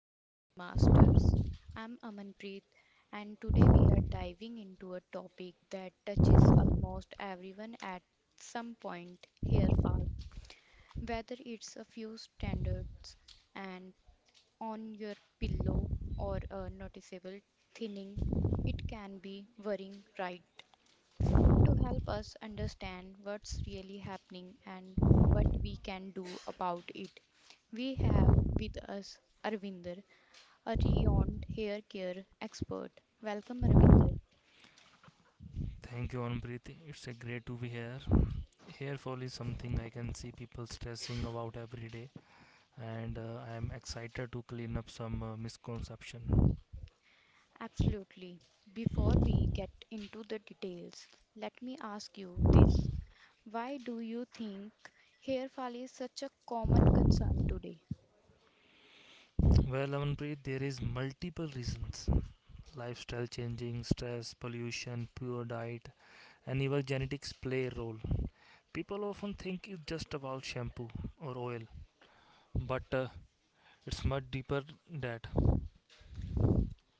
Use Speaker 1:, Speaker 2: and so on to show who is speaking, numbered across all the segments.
Speaker 1: to Hair Masters. I'm Amanpreet and today we are diving into a topic that touches almost everyone at some point, hair fall. Whether it's a few standards and on your pillow or a noticeable thinning, it can be worrying, right? To help us understand what's really happening and what we can do about it, we have with us Arvinder, a renowned hair care expert. Welcome, Ravinder.
Speaker 2: Thank you, Anupreet. It's a great to be here. Hair fall is something I can see people stressing about every day, and I am excited to clean up some misconception.
Speaker 1: Absolutely. Before we get into the details, let me ask you this. Why do you think hair fall is such a common concern today?
Speaker 2: Well, Anupreet, there is multiple reasons: lifestyle changing, stress, pollution, poor diet, and even genetics play a role. People often think it's just about shampoo or oil, but it's much deeper than that.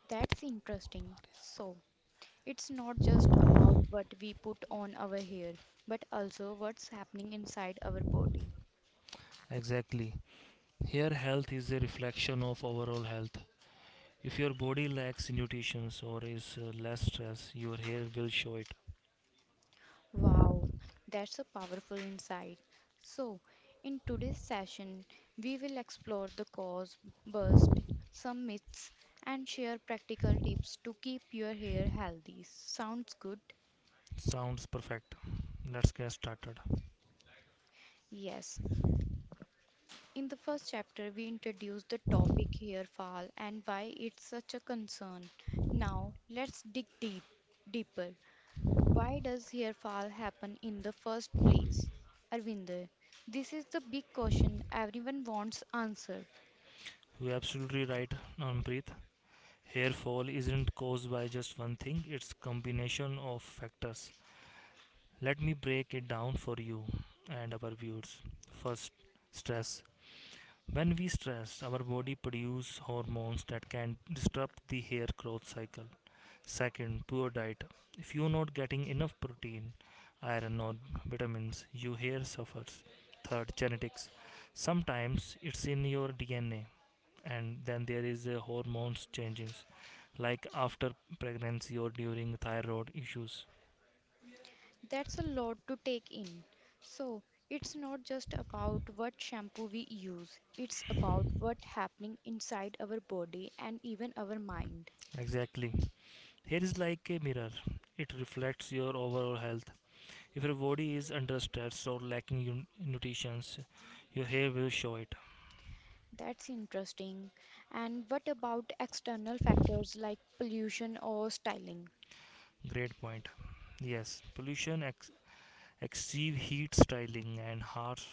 Speaker 1: That's interesting. So, it's not just about what we put on our hair, but also what's happening inside our body.
Speaker 2: Exactly. Hair health is a reflection of overall health. If your body lacks nutrition or is less stress, your hair will show it.
Speaker 1: Wow, that's a powerful insight. So, in today's session, we will explore the cause, burst some myths, and share practical tips to keep your hair healthy. Sounds good?
Speaker 2: Sounds perfect. Let's get started.
Speaker 1: Yes. In the first chapter, we introduced the topic hair fall and why it's such a concern. Now, let's dig deeper. Why does hairfall happen in the first place? Arvinder, this is the big question everyone wants answered.
Speaker 2: You're absolutely right, Nampreet. Hair fall isn't caused by just one thing, it's combination of factors. Let me break it down for you and our viewers. First, stress. When we stress, our body produces hormones that can disrupt the hair growth cycle. Second, poor diet. If you're not getting enough protein, iron, or vitamins, your hair suffers. Third, genetics. Sometimes it's in your DNA, and then there is a hormones changes, like after pregnancy or during thyroid issues.
Speaker 1: That's a lot to take in. So, it's not just about what shampoo we use, it's about what's happening inside our body and even our mind.
Speaker 2: Exactly. Hair is like a mirror. It reflects your overall health. If your body is under stress or lacking nutrition, your hair will show it.
Speaker 1: That's interesting. And what about external factors like pollution or styling?
Speaker 2: Great point. Yes, Excessive heat styling and harsh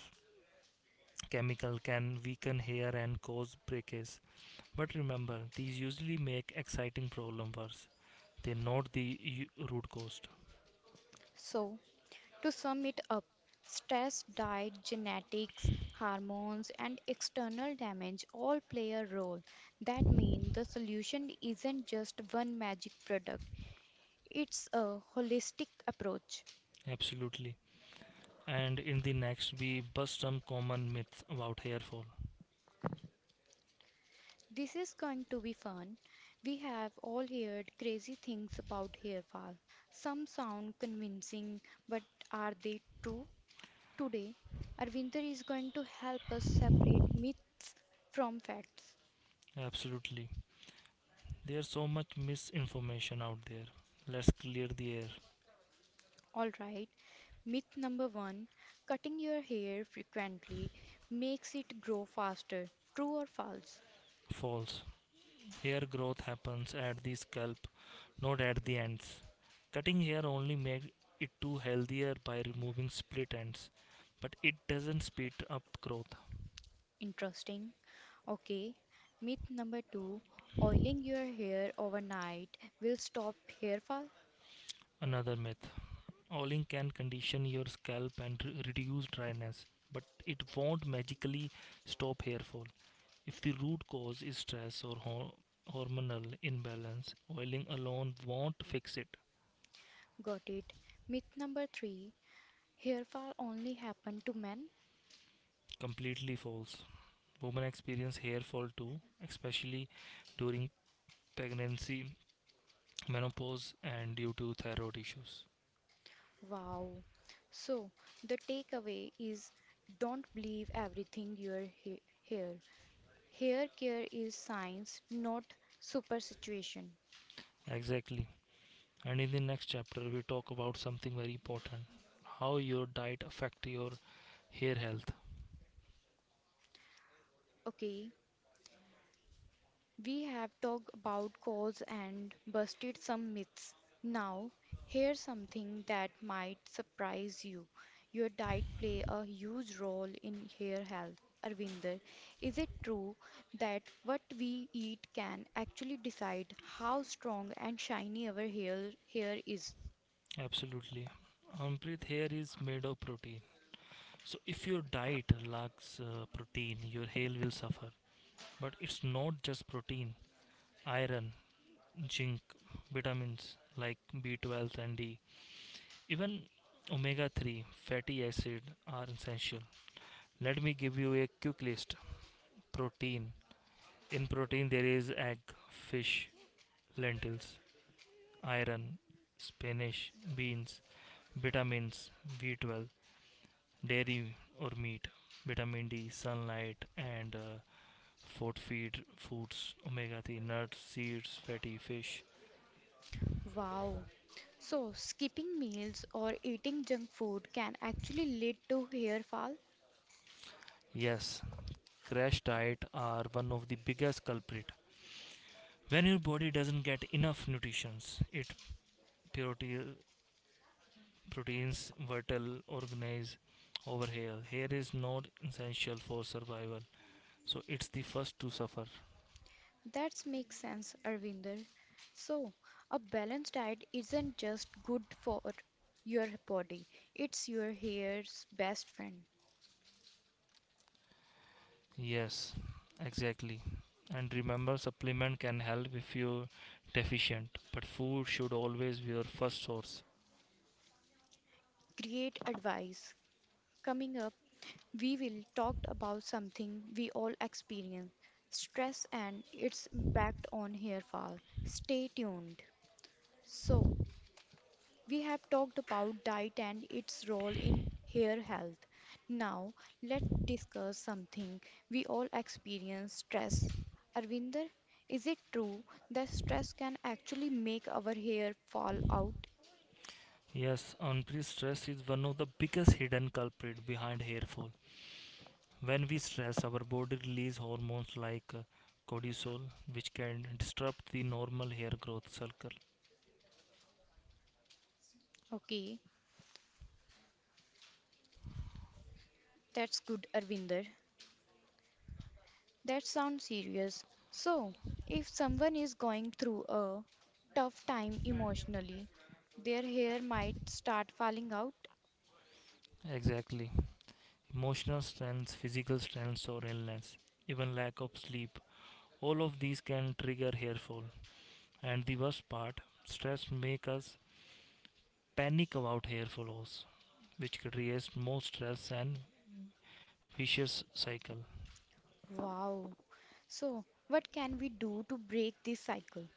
Speaker 2: chemical can weaken hair and cause breakage. But remember, these usually make exciting problem worse. They not the root cause.
Speaker 1: So, to sum it up, stress, diet, genetics, hormones, and external damage all play a role. That means the solution isn't just one magic product, it's a holistic approach.
Speaker 2: Absolutely. And in the next, we bust some common myths about hair fall.
Speaker 1: This is going to be fun. We have all heard crazy things about hair fall. Some sound convincing, but are they true? Today, Arvinder is going to help us separate myths from facts.
Speaker 2: Absolutely. There's so much misinformation out there. Let's clear the air.
Speaker 1: All right, myth number one, cutting your hair frequently makes it grow faster. True or false?
Speaker 2: False. Hair growth happens at the scalp, not at the ends. Cutting hair only makes it too healthier by removing split ends, but it doesn't speed up growth.
Speaker 1: Interesting. Okay, myth number two, oiling your hair overnight will stop hair fall.
Speaker 2: Another myth. Oiling can condition your scalp and reduce dryness, but it won't magically stop hair fall. If the root cause is stress or hormonal imbalance, oiling alone won't fix it.
Speaker 1: Got it. Myth number three, hair fall only happen to men.
Speaker 2: Completely false. Women experience hair fall too, especially during pregnancy, menopause, and due to thyroid issues.
Speaker 1: Wow. So the takeaway is don't believe everything your hair. Hair care is science, not superstition.
Speaker 2: Exactly. And in the next chapter, we talk about something very important: how your diet affect your hair health.
Speaker 1: Okay, we have talked about cause and busted some myths. Now, here's something that might surprise you. Your diet play a huge role in hair health. Arvinder, is it true that what we eat can actually decide how strong and shiny our hair is?
Speaker 2: Absolutely. Amrit, hair is made of protein. So if your diet lacks protein, your hair will suffer. But it's not just protein, iron, zinc, vitamins like B12 and D, even omega 3 fatty acid are essential. Let me give you a quick list. Protein. In protein, there is egg, fish, lentils, iron, spinach, beans, vitamins, B12, dairy or meat, vitamin D, sunlight, and food feed foods, omega 3, nuts, seeds, fatty fish.
Speaker 1: Wow. So, skipping meals or eating junk food can actually lead to hair fall?
Speaker 2: Yes, crash diet are one of the biggest culprit. When your body doesn't get enough nutrition, it purity proteins vital organisms over here is not essential for survival, so it's the first to suffer.
Speaker 1: That makes sense, Arvinder. So, a balanced diet isn't just good for your body, it's your hair's best friend.
Speaker 2: Yes, exactly. And remember, supplement can help if you're deficient, but food should always be your first source.
Speaker 1: Great advice. Coming up, we will talk about something we all experience, stress and its impact on hair fall. Stay tuned. So, we have talked about diet and its role in hair health. Now, let's discuss something we all experience, stress. Arvinder, is it true that stress can actually make our hair fall out?
Speaker 2: Yes, unpleasant stress is one of the biggest hidden culprit behind hair fall. When we stress, our body release hormones like cortisol, which can disrupt the normal hair growth cycle.
Speaker 1: Okay, that's good, Arvinder. That sounds serious. So, if someone is going through a tough time emotionally, their hair might start falling out.
Speaker 2: Exactly. Emotional stress, physical stress, or illness, even lack of sleep. All of these can trigger hair fall. And the worst part, stress make us panic about hair falls, which creates more stress and vicious cycle.
Speaker 1: Wow. So, what can we do to break this cycle?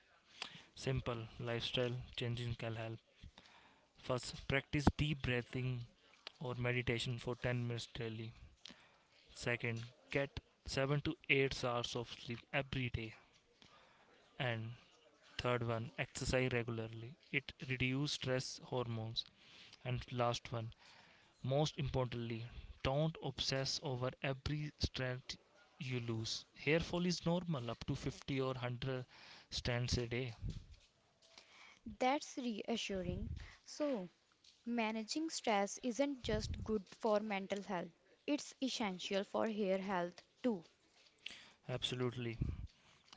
Speaker 2: Simple lifestyle changing can help. First, practice deep breathing or meditation for 10 minutes daily. Second, get 7 to 8 hours of sleep every day. And third one, exercise regularly. It reduces stress hormones. And last one, most importantly, don't obsess over every strength you lose. Hair fall is normal, up to 50 or 100 strands a day.
Speaker 1: That's reassuring. So, managing stress isn't just good for mental health, it's essential for hair health too.
Speaker 2: Absolutely.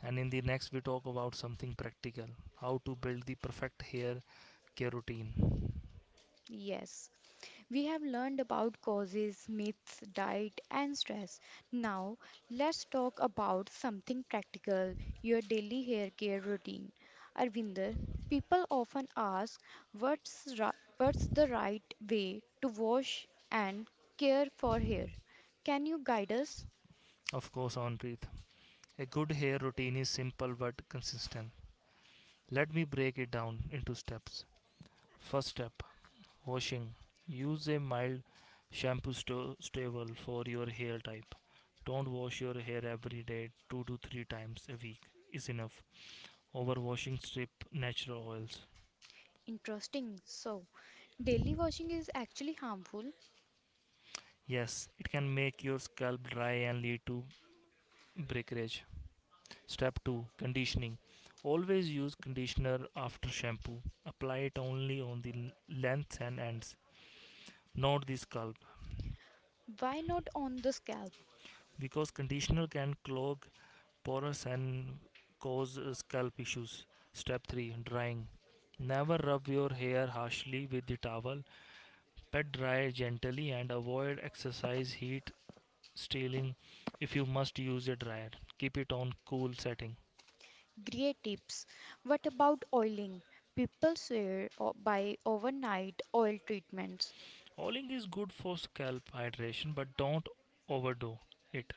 Speaker 2: And in the next, we talk about something practical: how to build the perfect hair care routine.
Speaker 1: Yes. We have learned about causes, myths, diet, and stress. Now, let's talk about something practical, your daily hair care routine. Arvinder, people often ask, what's the right way to wash and care for hair? Can you guide us?
Speaker 2: Of course, Onpreet. A good hair routine is simple but consistent. Let me break it down into steps. First step, washing. Use a mild shampoo stable for your hair type. Don't wash your hair every day, 2 to 3 times a week is enough. Overwashing strip natural oils.
Speaker 1: Interesting. So, daily washing is actually harmful.
Speaker 2: Yes, it can make your scalp dry and lead to breakage. Step 2, conditioning. Always use conditioner after shampoo. Apply it only on the length and ends, not the scalp,
Speaker 1: Why not on the scalp?
Speaker 2: because conditioner can clog porous and cause scalp issues. Step 3, drying. Never rub your hair harshly with the towel. Pat dry gently and avoid exercise heat stealing if you must use a dryer. Keep it on cool setting.
Speaker 1: Great tips. What about oiling? People swear by overnight oil treatments.
Speaker 2: Oiling is good for scalp hydration but don't overdo it.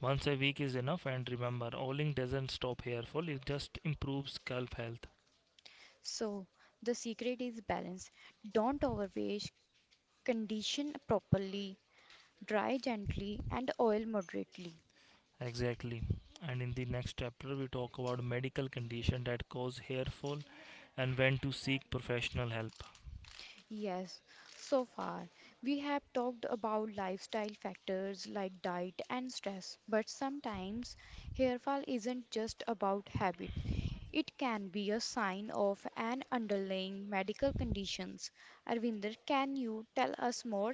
Speaker 2: Once a week is enough, and remember, oiling doesn't stop hair fall, it just improves scalp health.
Speaker 1: So, the secret is balance. Don't overwash, condition properly, dry gently, and oil moderately.
Speaker 2: Exactly. And in the next chapter, we talk about medical condition that cause hair fall and when to seek professional help.
Speaker 1: Yes, so far we have talked about lifestyle factors like diet and stress, but sometimes hairfall isn't just about habit. It can be a sign of an underlying medical conditions. Arvinder, can you tell us more?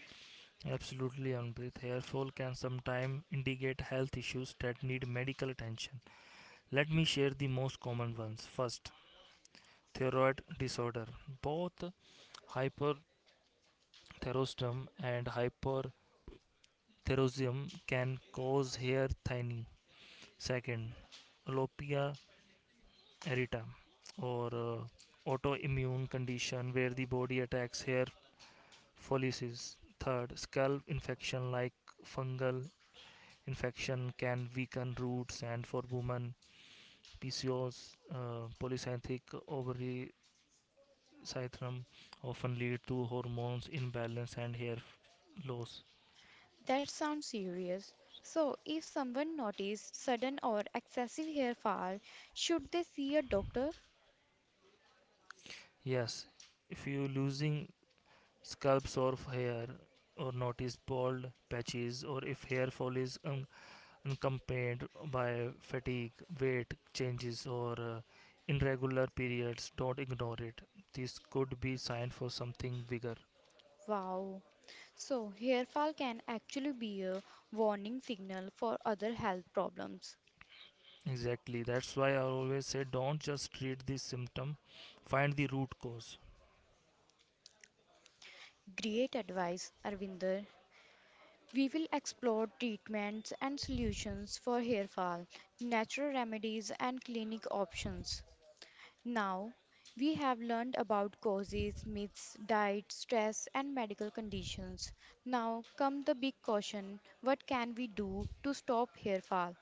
Speaker 2: Absolutely, Anpreet. Hair fall can sometimes indicate health issues that need medical attention. Let me share the most common ones. First, thyroid disorder. Both hyperthyroidism and hyperthyroidism can cause hair thinning. Second, alopecia erita or autoimmune condition where the body attacks hair follicles. Third, scalp infection like fungal infection can weaken roots, and for women PCOS, polycystic ovary syndrome often lead to hormones imbalance and hair loss.
Speaker 1: That sounds serious. So, if someone notices sudden or excessive hair fall, should they see a doctor?
Speaker 2: Yes, if you losing scalps or hair or notice bald patches, or if hair fall is accompanied by fatigue, weight changes, or irregular periods, don't ignore it. This could be sign for something bigger.
Speaker 1: Wow. So, hair fall can actually be a warning signal for other health problems.
Speaker 2: Exactly. That's why I always say don't just treat the symptom, find the root cause.
Speaker 1: Great advice, Arvinder. We will explore treatments and solutions for hair fall, natural remedies, and clinic options. Now, we have learned about causes, myths, diet, stress, and medical conditions. Now, come the big question, what can we do to stop hair fall?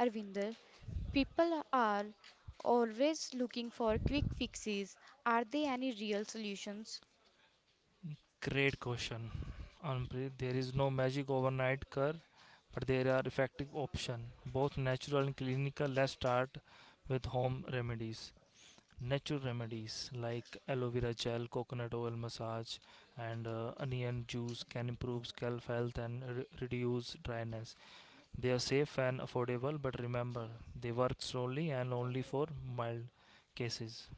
Speaker 1: Arvinder, people are always looking for quick fixes. Are there any real solutions?
Speaker 2: Great question. Anpreet, there is no magic overnight cure, but there are effective options, both natural and clinical. Let's start with home remedies. Natural remedies like aloe vera gel, coconut oil massage, and onion juice can improve scalp health and reduce dryness. They are safe and affordable, but remember, they work slowly and only for mild cases.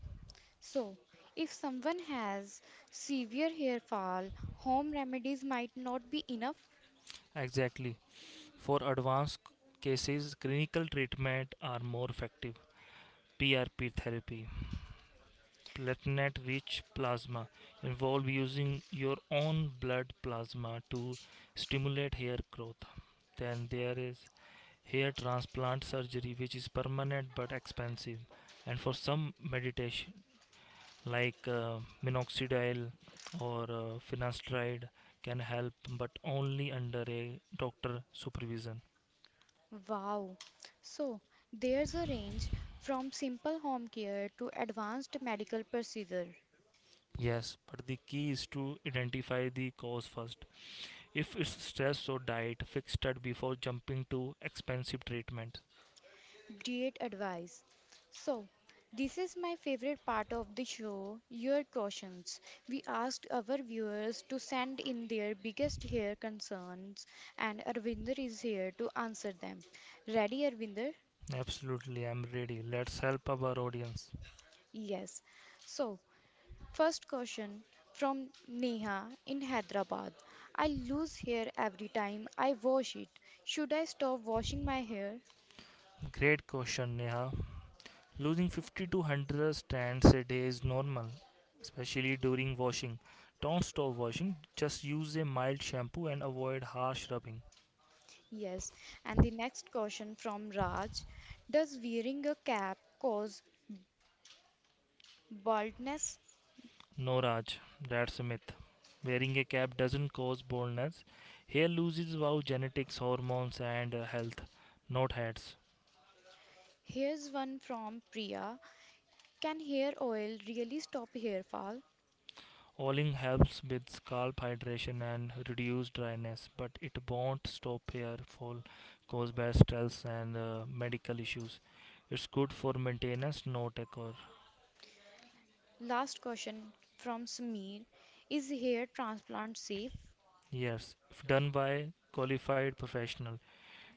Speaker 1: So, if someone has severe hair fall, home remedies might not be enough.
Speaker 2: Exactly. For advanced cases, clinical treatment are more effective. PRP therapy, platelet rich plasma, involve using your own blood plasma to stimulate hair growth. Then there is hair transplant surgery, which is permanent but expensive. And for some meditation, like minoxidil or finasteride, can help, but only under a doctor supervision.
Speaker 1: Wow. So there's a range from simple home care to advanced medical procedure,
Speaker 2: Yes, but the key is to identify the cause first. If it's stress or diet, fix that before jumping to expensive treatment.
Speaker 1: diet advice. So this is my favorite part of the show, your questions. We asked our viewers to send in their biggest hair concerns and Arvinder is here to answer them. Ready, Arvinder?
Speaker 2: Absolutely, I'm ready. Let's help our audience.
Speaker 1: Yes. So first question from Neha in Hyderabad. I lose hair every time I wash it. Should I stop washing my hair?
Speaker 2: Great question, Neha. Losing 50 to 100 strands a day is normal, especially during washing. Don't stop washing, just use a mild shampoo and avoid harsh rubbing.
Speaker 1: Yes. And the next question from Raj. Does wearing a cap cause baldness?
Speaker 2: No Raj, that's a myth. Wearing a cap doesn't cause baldness. Hair loses about genetics, hormones, and health, not heads.
Speaker 1: Here's one from Priya. Can hair oil really stop hair fall?
Speaker 2: Oiling helps with scalp hydration and reduce dryness, but it won't stop hair fall, caused by stress and medical issues. It's good for maintenance, not a cure.
Speaker 1: Last question from Sameer. Is hair transplant safe?
Speaker 2: Yes, if done by qualified professional,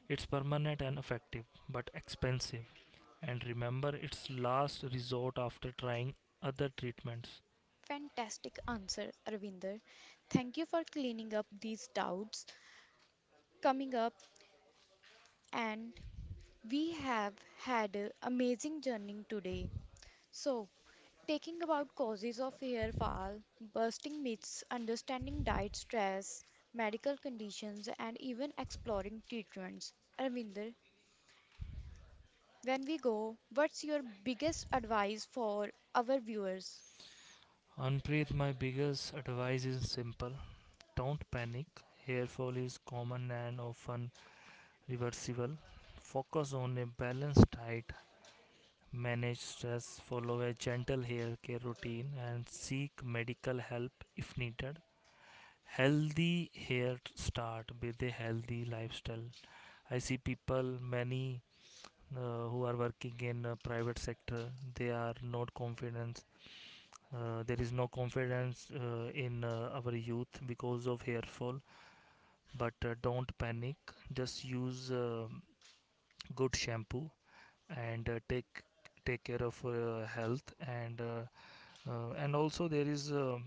Speaker 2: it's permanent and effective, but expensive. And remember, it's last resort after trying other treatments.
Speaker 1: Fantastic answer, Arvinder. Thank you for cleaning up these doubts. Coming up, and we have had an amazing journey today. So, taking about causes of hair fall, busting myths, understanding diet stress, medical conditions, and even exploring treatments. Arvinder, when we go, what's your biggest advice for our viewers?
Speaker 2: Unpreet, my biggest advice is simple: don't panic. Hair fall is common and often reversible. Focus on a balanced diet, manage stress, follow a gentle hair care routine, and seek medical help if needed. Healthy hair start with a healthy lifestyle. I see people many who are working in private sector, they are not confident, there is no confidence in our youth because of hair fall. But don't panic, just use good shampoo and take care of health. And and also there is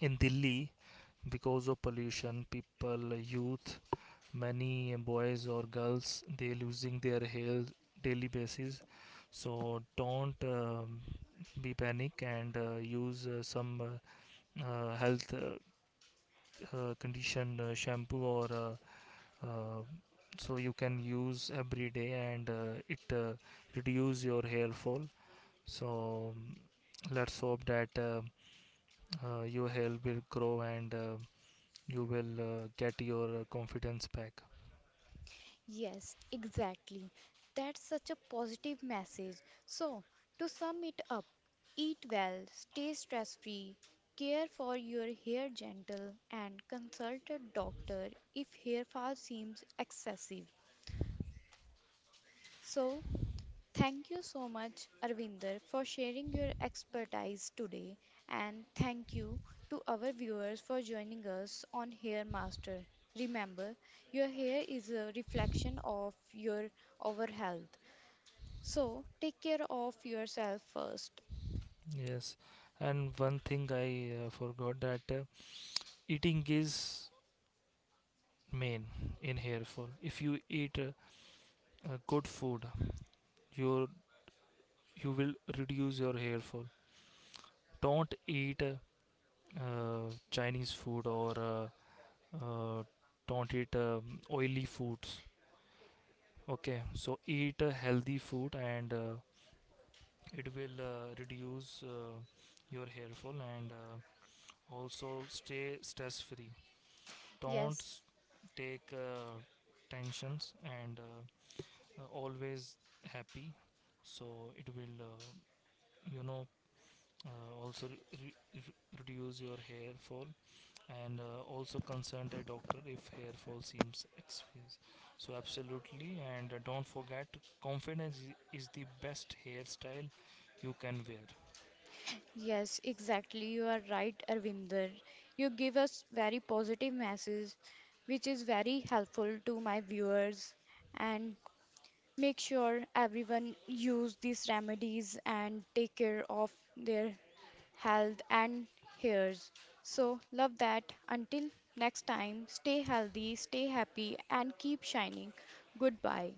Speaker 2: in Delhi, because of pollution, people, youth, many boys or girls, they losing their health daily basis. So don't be panic, and use some health, condition shampoo, or uh, so you can use every day, and it reduce your hair fall. So let's hope that your hair will grow, and you will get your confidence back.
Speaker 1: Yes, exactly. That's such a positive message. So, to sum it up, eat well, stay stress free, care for your hair gentle, and consult a doctor if hair fall seems excessive. So, thank you so much, Arvinder, for sharing your expertise today, and thank you to our viewers for joining us on Hair Master. Remember, your hair is a reflection of your overall health. So take care of yourself first.
Speaker 2: Yes, and one thing I forgot, that eating is main in hair fall. If you eat good food, your you will reduce your hair fall. Don't eat Chinese food, or uh, don't eat oily foods. Okay, so eat a healthy food, and it will reduce your hair fall, and also stay stress free. Don't
Speaker 1: Yes,
Speaker 2: s- Take tensions, and always happy, so it will you know also reduce your hair fall. And also consult a doctor if hair fall seems excess. So absolutely, and don't forget, confidence is the best hairstyle you can wear.
Speaker 1: yes, exactly. You are right, Arvinder. You give us very positive message, which is very helpful to my viewers. And make sure everyone use these remedies and take care of their health and hairs. So love that. Until next time, stay healthy, stay happy, and keep shining. Goodbye.